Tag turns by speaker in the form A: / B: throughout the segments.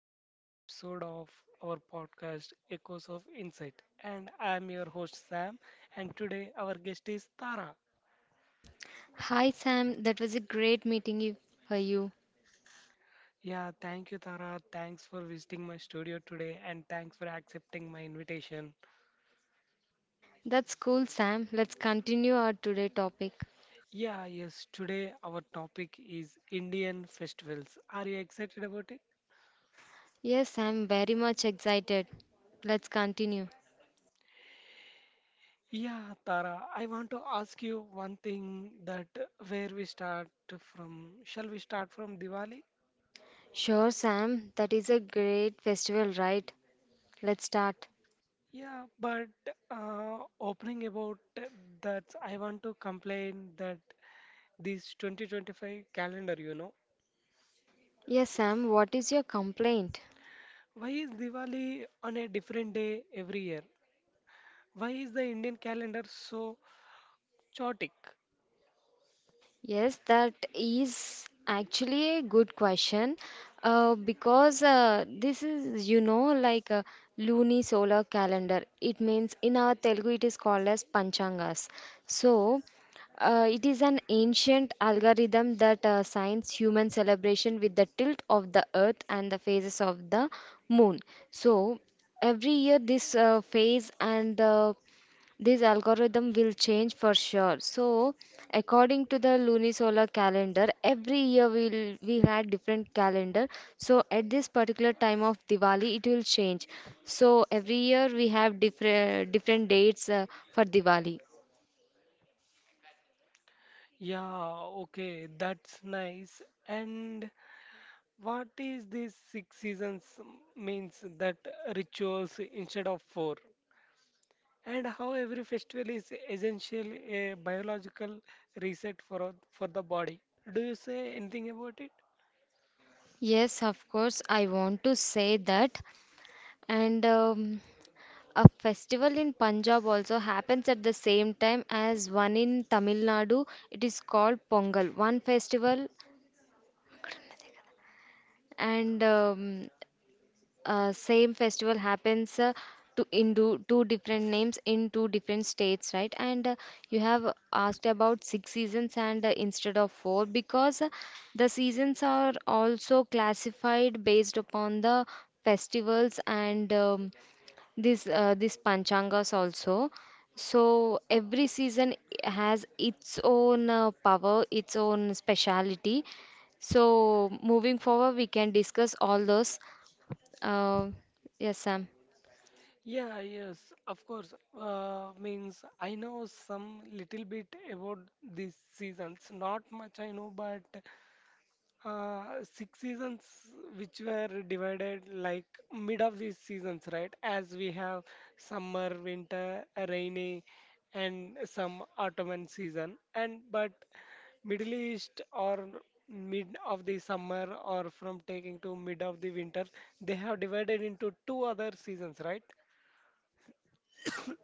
A: to today's episode of our podcast Echoes of Insight. And I'm your host Sam, and today our guest is Tara.
B: Hi Sam, that was a great meeting you, for you.
A: Yeah, thank you, Tara. Thanks for visiting my studio today, and thanks for accepting my invitation.
B: That's cool, Sam. Let's continue our today topic.
A: Yeah, yes, today our topic is Indian festivals. Are you excited about it?
B: Yes, I'm very much excited. Let's continue.
A: Yeah, Tara, I want to ask you one thing: that where we start from. Shall we start from Diwali?
B: Sure, Sam. That is a great festival, right? Let's start.
A: Yeah, but Opening about that, I want to complain that this 2025 calendar,
B: Yes, Sam. What is your complaint?
A: why is Diwali on a different day every year? Why is the Indian calendar so chaotic?
B: Yes, that is actually a good question because this is, you know, like a lunisolar calendar. It means in our Telugu it is called as Panchangas. So, it is an ancient algorithm that signs human celebration with the tilt of the earth and the phases of the moon. So, every year this phase and the this algorithm will change for sure. So, according to the lunisolar calendar, every year we had different calendar. So, at this particular time of Diwali, it will change. So, every year we have different different dates for Diwali.
A: Yeah, okay, that's nice. And what is this six seasons means, that rituals instead of four? And how every festival is essential a biological reset for for the body. Do you say anything about it?
B: Yes, of course, I want to say that. And A festival in Punjab also happens at the same time as one in Tamil Nadu. It is called Pongal. One festival and same festival happens to in do, two different names in two different states, right? And you have asked about six seasons and instead of four because the seasons are also classified based upon the festivals and this this panchangas also, so every season has its own power, its own speciality, so moving forward we can discuss all those uh, yes, Sam.
A: Yeah, yes, of course. Means I know some little bit about these seasons. Not much I know, but six seasons which were divided like mid of these seasons, right? As we have summer, winter, rainy, and some autumn season. And but Middle East or mid of the summer, or from taking to mid of the winter, they have divided into two other seasons, right?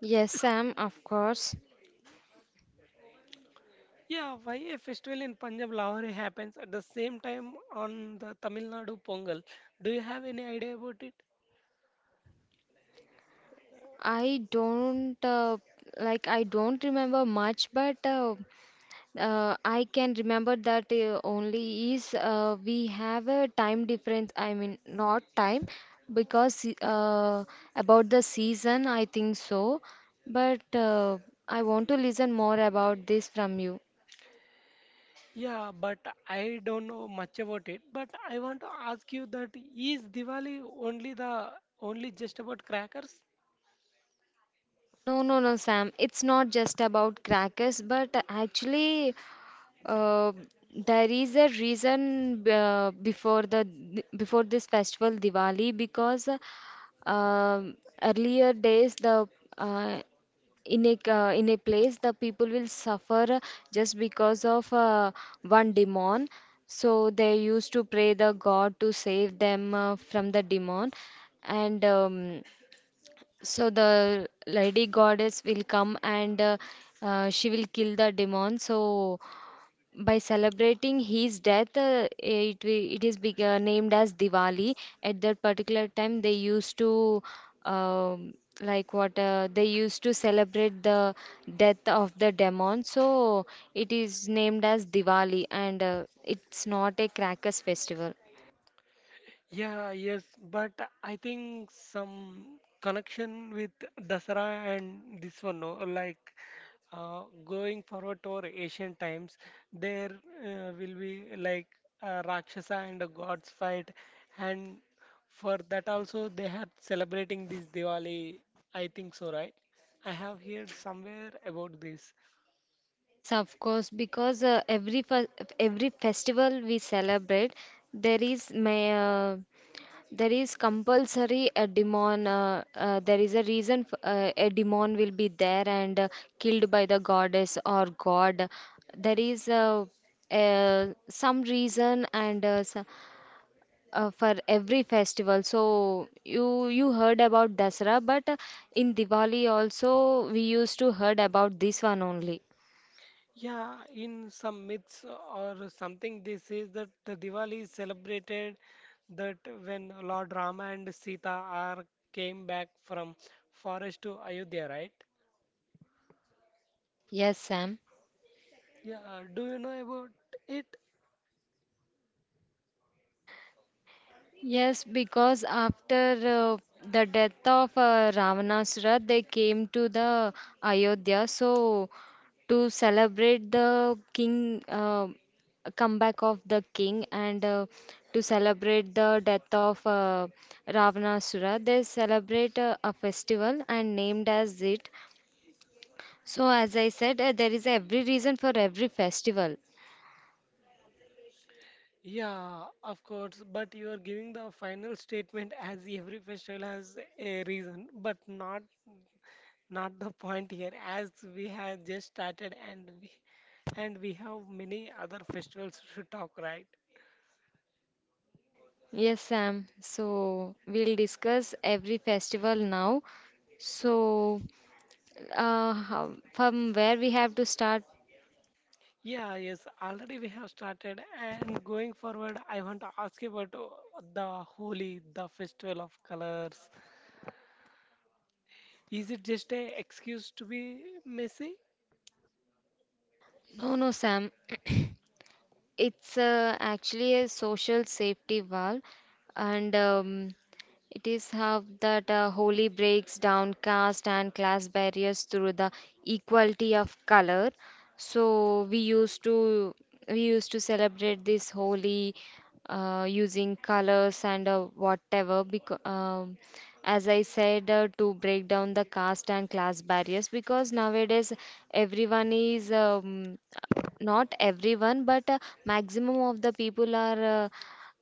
B: Yes, Sam, of course.
A: Yeah, why a festival in Punjab Lahore happens at the same time on the Tamil Nadu Pongal? Do you have any idea about it?
B: i don't uh, I don't remember much, but I can remember that only is we have a time difference. I mean, not time, because about the season, I think so. But I want to listen more about this from you.
A: Yeah, but I don't know much about it. But I want to ask you that, is Diwali only the only just about crackers?
B: No, no, no, Sam. It's not just about crackers, but actually, uh, there is a reason before the before this festival Diwali because um, earlier days the uh, in a place, the people will suffer just because of one demon, so they used to pray the god to save them from the demon. And so the lady goddess will come and she will kill the demon. So by celebrating his death, it is big, named as Diwali. At that particular time, they used to um, like what they used to celebrate the death of the demon. So it is named as Diwali, and it's not a crackers festival.
A: Yeah, yes, but I think some connection with Dasara and this one, no? Like going forward to our ancient times, there will be like a Rakshasa and a gods fight, and for that also they are celebrating this Diwali. I think so, right? I have heard somewhere about this.
B: Yes, of course, because every festival we celebrate, there is may there is compulsory a demon. There is a reason a demon will be there and killed by the goddess or god. There is uh, some reason and for every festival. So you heard about Dasara, but in Diwali also we used to heard about this one only.
A: Yeah, in some myths or something, they say that the Diwali is celebrated that when Lord Rama and Sita are came back from forest to Ayodhya, right?
B: Yes, Sam.
A: Yeah, do you know about it?
B: Yes, because after the death of Ravanasura, they came to the Ayodhya. So to celebrate the king comeback of the king and to celebrate the death of Ravanasura, they celebrate a festival and named as it. So as I said, there is every reason for every festival.
A: Yeah, of course, but you are giving the final statement as every festival has a reason, but not the point here, as we have just started, and we have many other festivals to talk, right?
B: Yes, Sam. So we'll discuss every festival now. So how, from where we have to start?
A: Yeah, yes, already we have started, and going forward, I want to ask you about the Holi, the festival of colors. Is it just a excuse to be messy?
B: No, no, Sam. It's actually a social safety valve, and it is how that Holi breaks down caste and class barriers through the equality of color. So we used to celebrate this Holi using colors and whatever, because as I said to break down the caste and class barriers, because nowadays everyone is not everyone but maximum of the people are uh,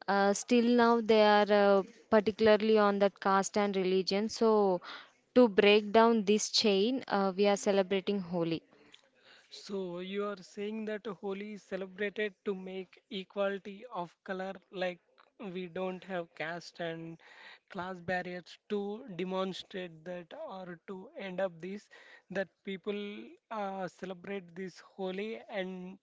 B: uh, still now they are particularly on that caste and religion. So, to break down this chain, we are celebrating Holi.
A: So you are saying that Holi is celebrated to make equality of color, like we don't have caste and class barriers, to demonstrate that or to end up this, that people celebrate this Holi and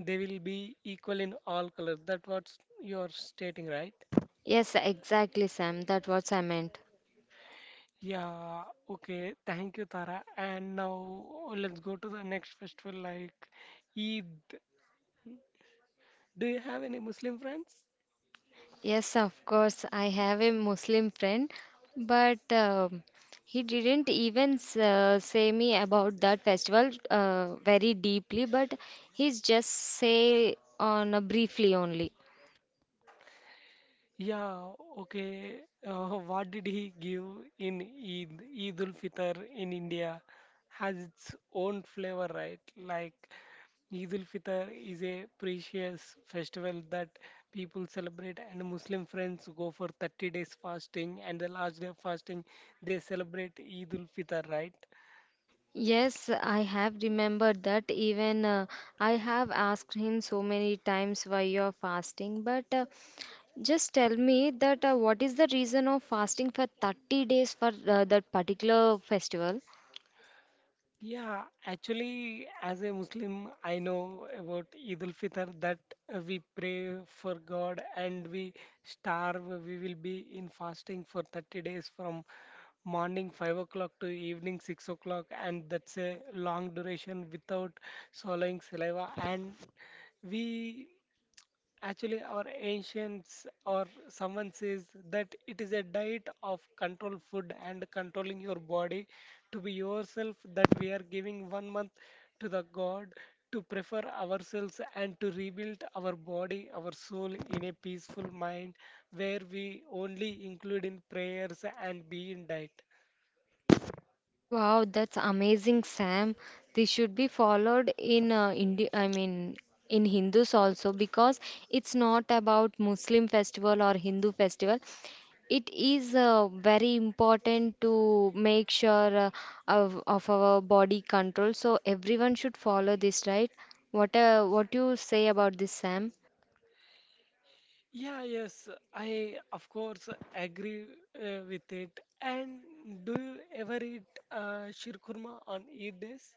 A: they will be equal in all colors. That what you are stating, right?
B: Yes, exactly, Sam. That's what I meant.
A: Yeah, okay. Thank you, Tara. And now let's go to the next festival, like Eid. Do you have any Muslim friends?
B: Yes, of course, I have a Muslim friend, but he didn't even say me about that festival very deeply, but he's just say on a briefly only.
A: Yeah, okay. What did he give in Eid? Eid ul Fitr in India has its own flavor, right? Like Eid ul Fitr is a precious festival that people celebrate, and Muslim friends go for 30 days fasting, and the last day of fasting they celebrate Eid ul Fitr, right?
B: Yes, I have remembered that even I have asked him so many times why you're fasting, but just tell me that what is the reason of fasting for 30 days for that particular festival?
A: Yeah, actually, as a Muslim, I know about Eid al Fitr that we pray for God and we starve. We will be in fasting for 30 days from morning 5 o'clock to evening 6 o'clock, and that's a long duration without swallowing saliva. And we Actually, our ancients or someone says that it is a diet of controlled food and controlling your body, to be yourself, that we are giving one month to the God to prefer ourselves and to rebuild our body, our soul in a peaceful mind where we only include in prayers and be in diet.
B: Wow, that's amazing, Sam. This should be followed in Indi I mean in Hindus also, because it's not about Muslim festival or Hindu festival. It is very important to make sure of our body control. So everyone should follow this, right? What you say about this, Sam?
A: Yeah, yes, I of course agree with it. And do you ever eat shirkurma on Eid days?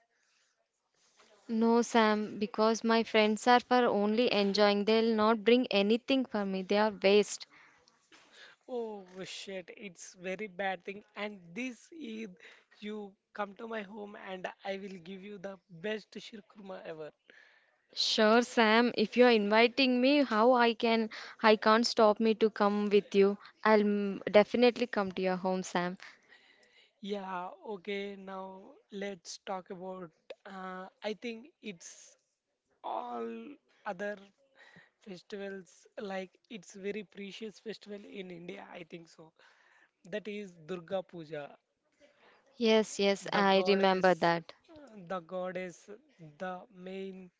B: No, Sam, because my friends are for only enjoying. They'll not bring anything for me. They are waste.
A: Oh shit, it's very bad thing. And this Eid, you come to my home and I will give you the best shirkurma ever.
B: Sure, Sam, if you're inviting me, how I can I can't stop me to come with you. I'll mm, definitely come to your home, Sam.
A: Yeah, okay, now let's talk about I think it's all other festivals, like it's very precious festival in India, I think so. That is Durga Puja,
B: Yes, yes,
A: the
B: I remember
A: goddess,
B: that.
A: uh, the goddess, the main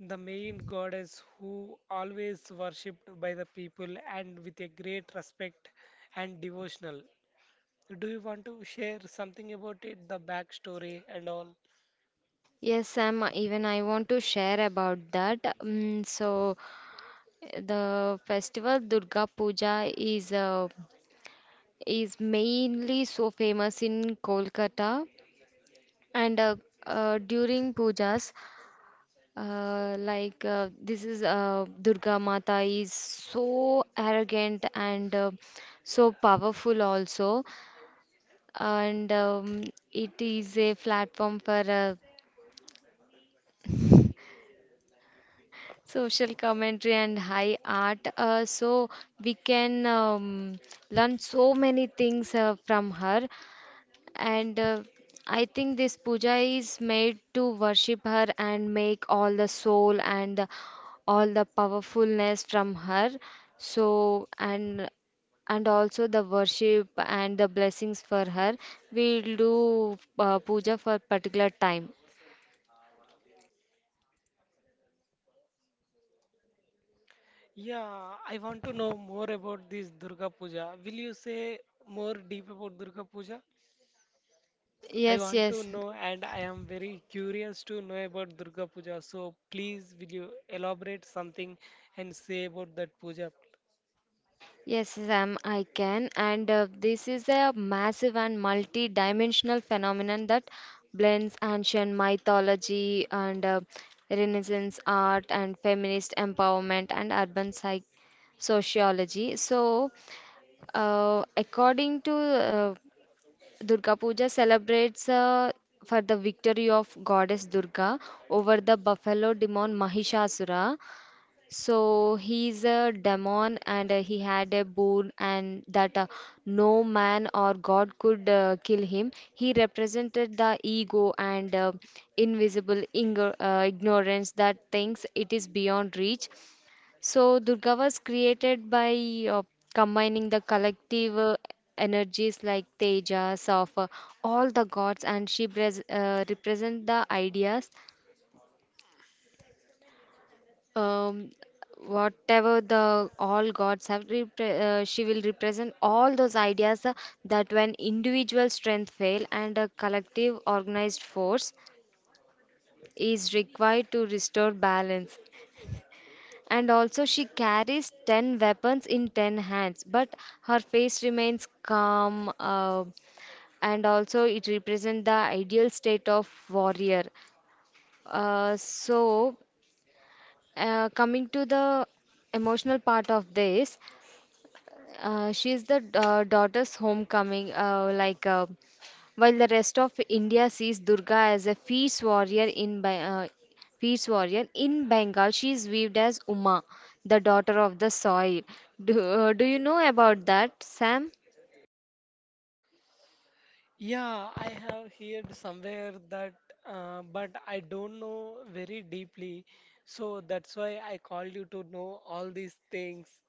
A: the main goddess, who always worshipped by the people and with a great respect and devotional. Do you want to share something about it, the backstory and all?
B: Yes, Sam, even I want to share about that. So the festival Durga Puja is mainly so famous in Kolkata and during pujas like this is Durga Mata is so arrogant and so powerful also, and it is a platform for social commentary and high art. So we can learn so many things from her, and I think this puja is made to worship her and make all the soul and all the powerfulness from her. So and also the worship and the blessings for her, we'll do puja for particular time.
A: Yeah, I want to know more about this Durga Puja. Will you say more deep about Durga Puja? I
B: Yes,
A: want to
B: yes.
A: know and I am very curious to know about Durga Puja. So please, will you elaborate something and say about that puja?
B: Yes, Sam, I can. And this is a massive and multi-dimensional phenomenon that blends ancient mythology and Renaissance art and feminist empowerment and urban psych sociology. So, according to Durga Puja celebrates for the victory of goddess Durga over the buffalo demon Mahishasura. So he's a demon and he had a boon, and that no man or god could kill him. He represented the ego and ignorance that thinks it is beyond reach. So Durga was created by combining the collective energies like Tejas of all the gods, and represent the ideas, um, whatever the all gods have, she will represent all those ideas, that when individual strength fail and a collective organized force is required to restore balance. And also, she carries 10 weapons in 10 hands, but her face remains calm, and also it represents the ideal state of warrior. Uh, so, Coming to the emotional part of this, she's the daughter's homecoming, while the rest of India sees Durga as a fierce warrior in Bengal, she is viewed as Uma, the daughter of the soil. Do you know about that, Sam?
A: Yeah, I have heard somewhere that, but I don't know very deeply. So that's why I called you to know all these things.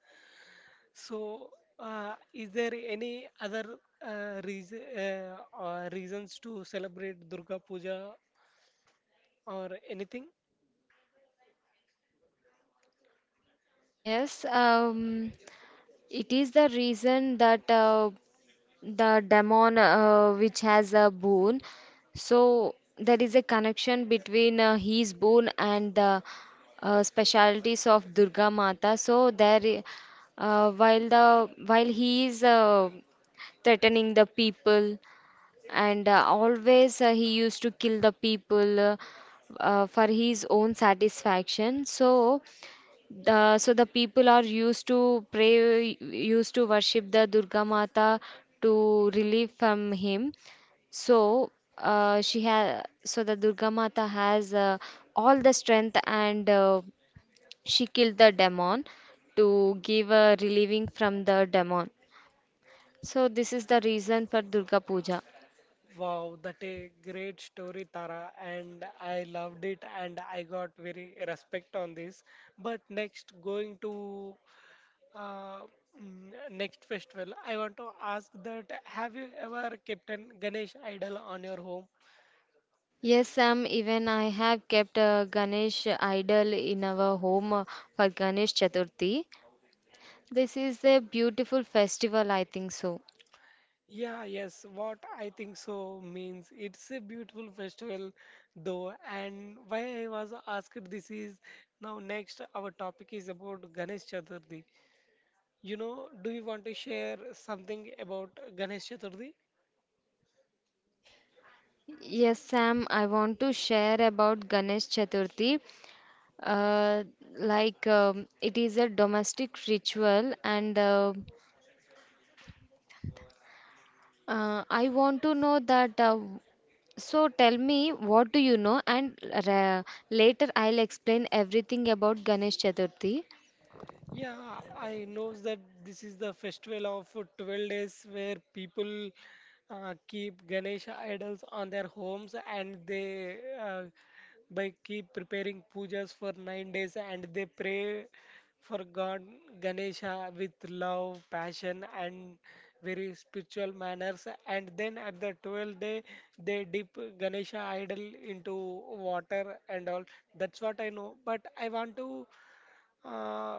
A: So, is there any other reason or reasons to celebrate Durga Puja or anything?
B: Yes, it is the reason that the demon which has a bone. So there is a connection between his bone and the specialities of Durga Mata. While the while he is threatening the people, and always he used to kill the people for his own satisfaction. So so the people are used to pray, used to worship the Durga Mata to relieve from him. So so the Durga Mata has all the strength, and she killed the demon to give a relieving from the demon. So this is the reason for Durga Puja.
A: Wow, that a great story, Tara, and I loved it, and I got very respect on this. But next, going to uh, next festival, I want to ask that, have you ever kept an Ganesh idol on your home?
B: Yes, Sam, even I have kept a Ganesh idol in our home for Ganesh Chaturthi. This is a beautiful festival, I think so.
A: Yeah, yes, what I think so means it's a beautiful festival though, and why I was asked this is, now next our topic is about Ganesh Chaturthi. You know, do you want to share something about Ganesh Chaturthi?
B: Yes, Sam, I want to share about Ganesh Chaturthi. Uh, it is a domestic ritual, and I want to know that. So, tell me, what do you know? And uh, later, I'll explain everything about Ganesh Chaturthi.
A: Yeah, I knows that this is the festival of 12 days where people keep Ganesha idols on their homes, and they by keep preparing pujas for nine days and they pray for God Ganesha with love, passion and very spiritual manners, and then at the 12th day they dip Ganesha idol into water and all. That's what I know. But I want to uh,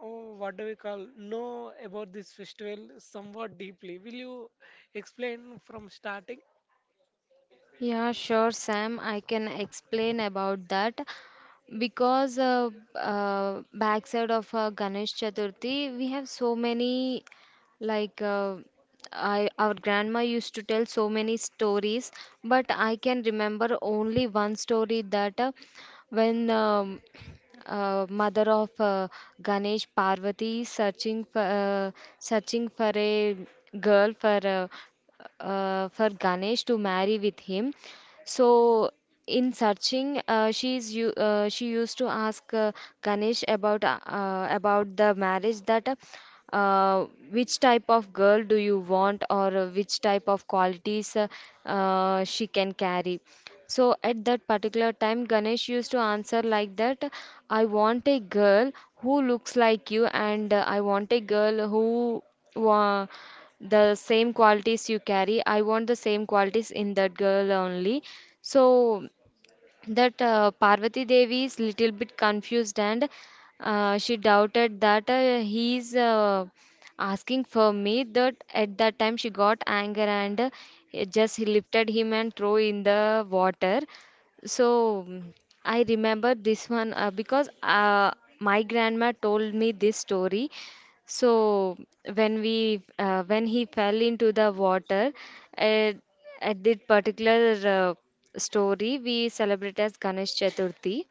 A: oh, what do we call, know about this festival somewhat deeply. Will you explain from starting?
B: Yeah, sure, Sam. I can explain about that, because backside of Ganesh Chaturthi, we have so many, like uh, I, our grandma used to tell so many stories, but I can remember only one story that when mother of Ganesh Parvati searching for searching for a girl for Ganesh to marry with him. So in searching, she used to ask Ganesh about the marriage that which type of girl do you want, or which type of qualities she can carry. So at that particular time, Ganesh used to answer like that. I want a girl who looks like you, and I want a girl who wa- the same qualities you carry, I want the same qualities in that girl only. So that Parvati Devi is little bit confused, and she doubted that he is asking for me. That at that time she got anger, and just lifted him and threw in the water. So I remember this one because my grandma told me this story. So when we when he fell into the water, uh, at that particular uh, story, we celebrate as Ganesh Chaturthi.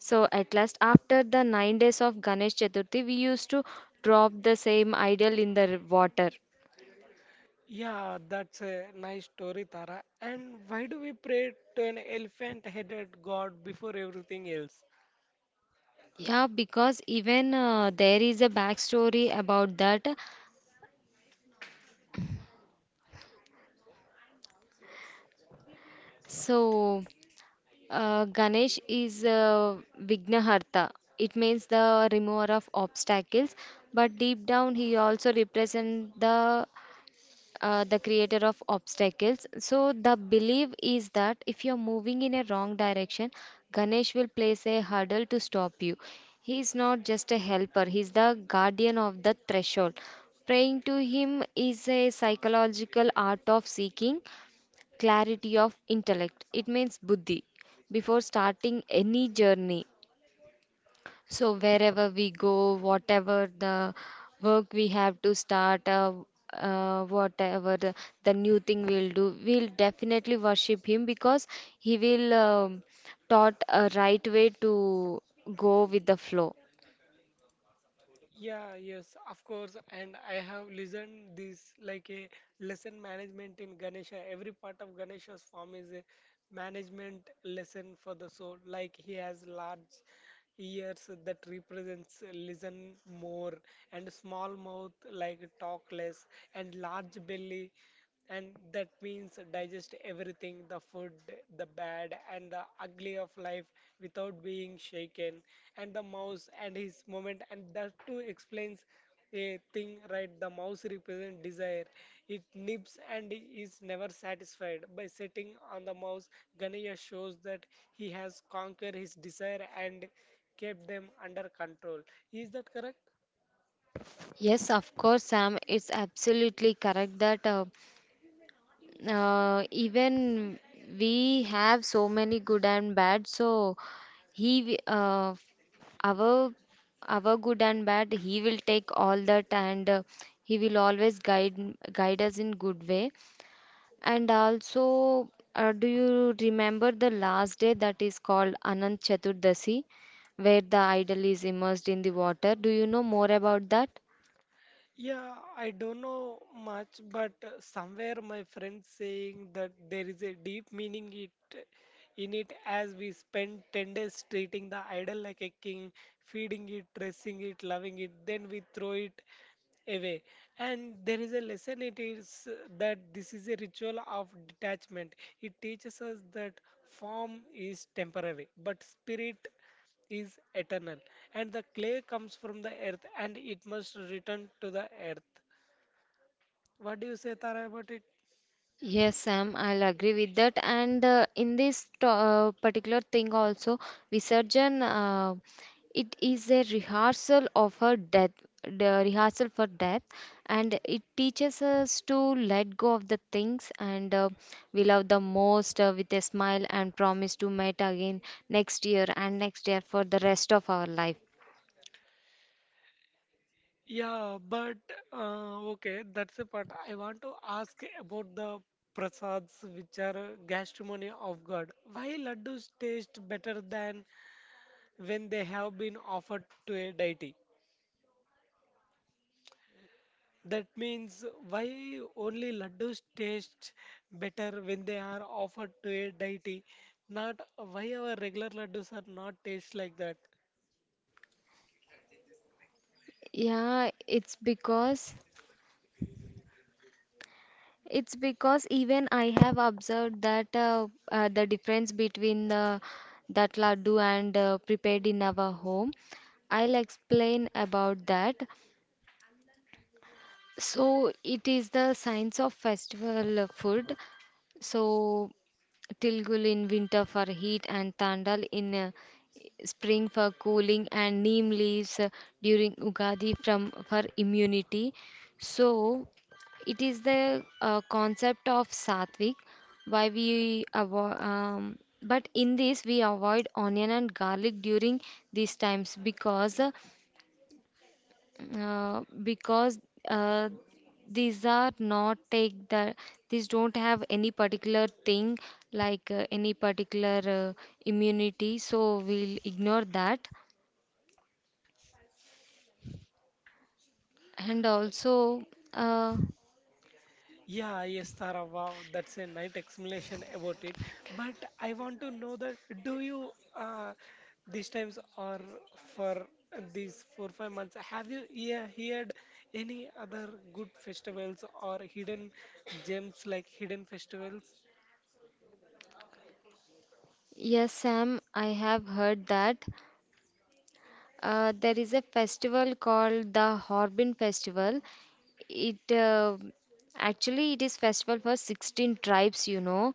B: So at last, after the 9 days of Ganesh Chaturthi, we used to drop the same idol in the water.
A: Yeah, that's a nice story, Tara. And why do we pray to an elephant-headed god before everything else?
B: Yeah, because even there is a backstory about that. So. Ganesh is Vignaharta. It means the remover of obstacles, but deep down he also represents the creator of obstacles. So the belief is that if you're moving in a wrong direction, Ganesh will place a hurdle to stop you. He is not just a helper; he's the guardian of the threshold. Praying to him is a psychological art of seeking clarity of intellect. It means buddhi before starting any journey. So, wherever we go, whatever the work we have to start, whatever the new thing we'll do, we'll definitely worship him because he will taught a right way to go with the flow.
A: Yeah, yes, of course. And I have listened this like a lesson management in Ganesha. Every part of Ganesha's form is a management lesson for the soul. Like, he has large ears that represents listen more, and small mouth like talk less, and large belly, and that means digest everything, the food, the bad and the ugly of life, without being shaken. And the mouse and his moment, and that too explains a thing, right? The mouse represents desire, it nips and is never satisfied. By sitting on the mouse, Ganesh shows that he has conquered his desire and kept them under control. Is that correct?
B: Yes, of course, Sam. It's absolutely correct that even we have so many good and bad. So he wi- uh, our our good and bad, he will take all that, and he will always guide guide us in good way. And also do you remember the last day that is called Anant Chaturdasi, where the idol is immersed in the water? Do you know more about that?
A: Yeah, I don't know much, but somewhere my friend saying that there is a deep meaning it in it, as we spend 10 days treating the idol like a king, feeding it, dressing it, loving it, then we throw it away. And there is a lesson it is that this is a ritual of detachment. It teaches us that form is temporary, but spirit is eternal. And the clay comes from the earth and it must return to the earth. What do you say, Tara, about it?
B: Yes, Sam, I'll agree with that. And in particular thing also, Visarjan, it is a rehearsal of her death, the rehearsal for death, and it teaches us to let go of the things, and we love the most with a smile and promise to meet again next year and next year for the rest of our life.
A: Yeah, but Okay, that's the part. I want to ask about the prasads, which are gastronomy of God. Why laddus taste better than when they have been offered to a deity? That means, why only laddus taste better when they are offered to a deity, not why our regular laddus are not taste like that.
B: Yeah, it's because even I have observed that the difference between that laddu and prepared in our home. I'll explain about that. So it is the science of festival food. So Tilgul in winter for heat, and Tandal in spring for cooling, and neem leaves during Ugadi from for immunity. So it is the concept of sattvic. But in this we avoid onion and garlic during these times because uh, these are not take the, these don't have any particular thing, like any particular immunity, so we'll ignore that. And also uh,
A: Yeah, yes, Tara, wow, that's a nice explanation about it. But I want to know that, do you uh, these times or for these four five months have you, yeah, heard any other good festivals or hidden gems like hidden festivals?
B: yes, Sam, I have heard that there is a festival called the Horbin Festival. It actually it is festival for 16 tribes, you know,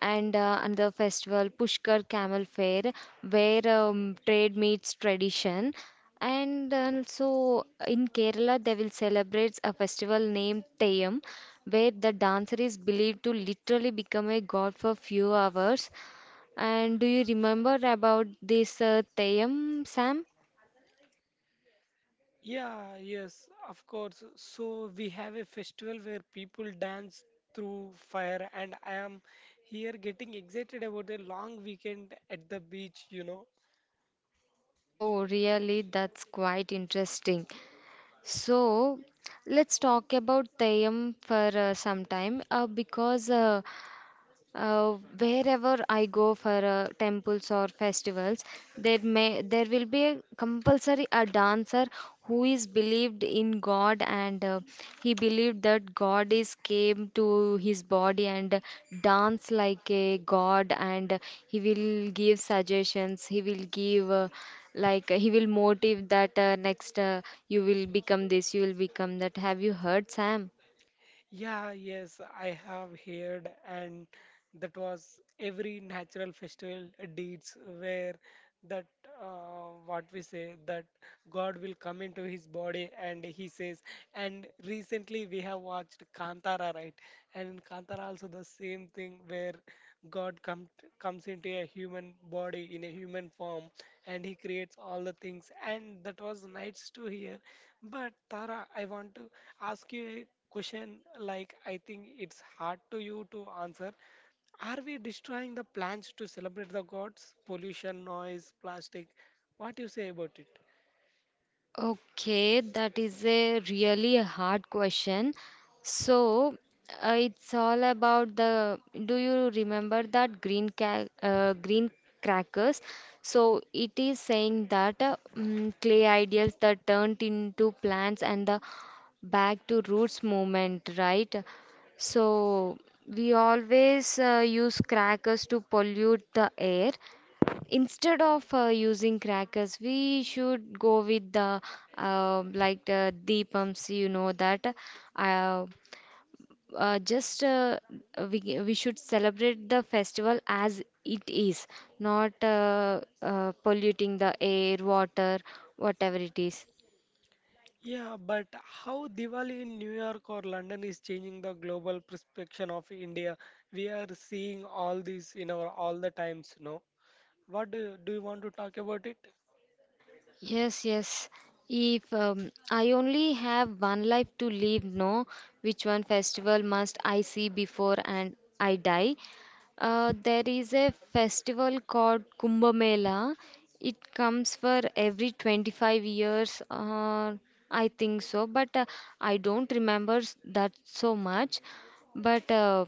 B: and another festival Pushkar Camel Fair, where trade meets tradition. And also in Kerala, they will celebrate a festival named Theyam, where the dancer is believed to literally become a god for few hours. And do you remember about this Theyam, Sam?
A: Yeah, yes, of course. So we have a festival where people dance through fire, and I am here getting excited about a long weekend at the beach,
B: Oh, really? That's quite interesting. So, let's talk about Thayam for some time because wherever I go for temples or festivals, there may there will be a compulsory a dancer who is believed in God, and he believed that God is came to his body and dance like a God, and he will give suggestions. He will give like he will motive that next you will become this, you will become that. Have you heard, Sam?
A: Yeah, yes, I have heard, and that was every natural festival deeds where that what we say, that God will come into his body, and he says. And recently we have watched Kantara, right? And in Kantara also the same thing, where God come comes into a human body in a human form, and he creates all the things, and that was nice to hear. But Tara, I want to ask you a question, like I think it's hard to you to answer. Are we destroying the plants to celebrate the gods? Pollution, noise, plastic. What do you say about it?
B: Okay, that is a really hard question. So, it's all about the. Do you remember that green crackers? So it is saying that clay ideas that turned into plants, and the back to roots movement, right? So we always use crackers to pollute the air. Instead of using crackers, we should go with the like the deepams, you know, that uh, just we should celebrate the festival as it is, not polluting the air, water, whatever it is.
A: Yeah, but how Diwali in New York or London is changing the global perception of India? We are seeing all this in our all the times, no? Do you want to talk about it?
B: Yes, yes. If I only have one life to live, no, which one festival must I see before and I die? There is a festival called Kumbh Mela. It comes for every 25 years, I think so, but I don't remember that so much. But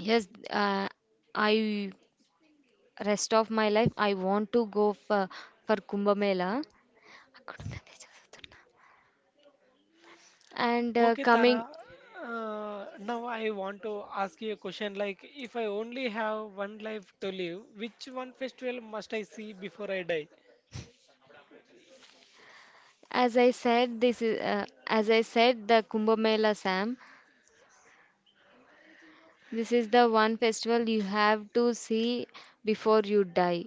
B: yes, I rest of my life I want to go for Kumbh Mela. And
A: Okay,
B: coming,
A: Tara. Now I want to ask you a question, like, if I only have one life to live, which one festival must I see before I die?
B: as I said, this is as I said the Kumbh Mela, Sam. This is the one festival you have to see before you die.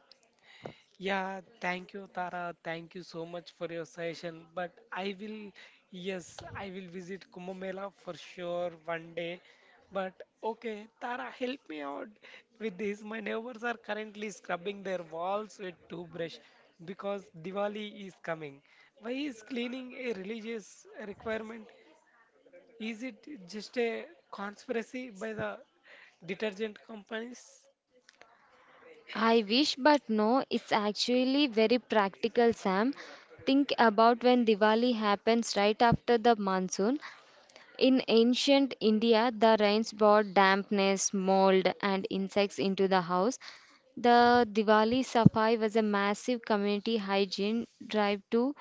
A: Yeah, thank you, Tara. Thank you so much for your suggestion. But I will, yes, I will visit Kumbh Mela for sure one day. But okay, Tara, help me out with this. My neighbors are currently scrubbing their walls with toothbrush because Diwali is coming. Why is cleaning a religious requirement? Is it just a conspiracy by the detergent companies?
B: I wish, but no, it's actually very practical, Sam. Think about when Diwali happens right after the monsoon. In ancient India, the rains brought dampness, mold, and insects into the house. The Diwali Safai was a massive community hygiene drive to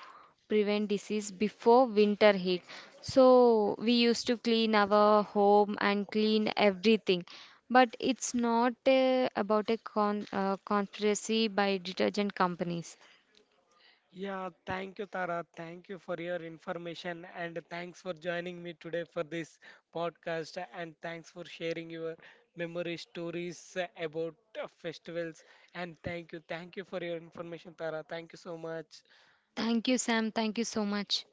B: prevent disease before winter hit. So we used to clean our home and clean everything. But it's not about a conspiracy by detergent companies.
A: Yeah, thank you, Tara. Thank you for your information and thanks for joining me today for this podcast. And thanks for sharing your memory stories about festivals. And thank you for your information, Tara. Thank you so much.
B: Thank you, Sam. Thank you so much.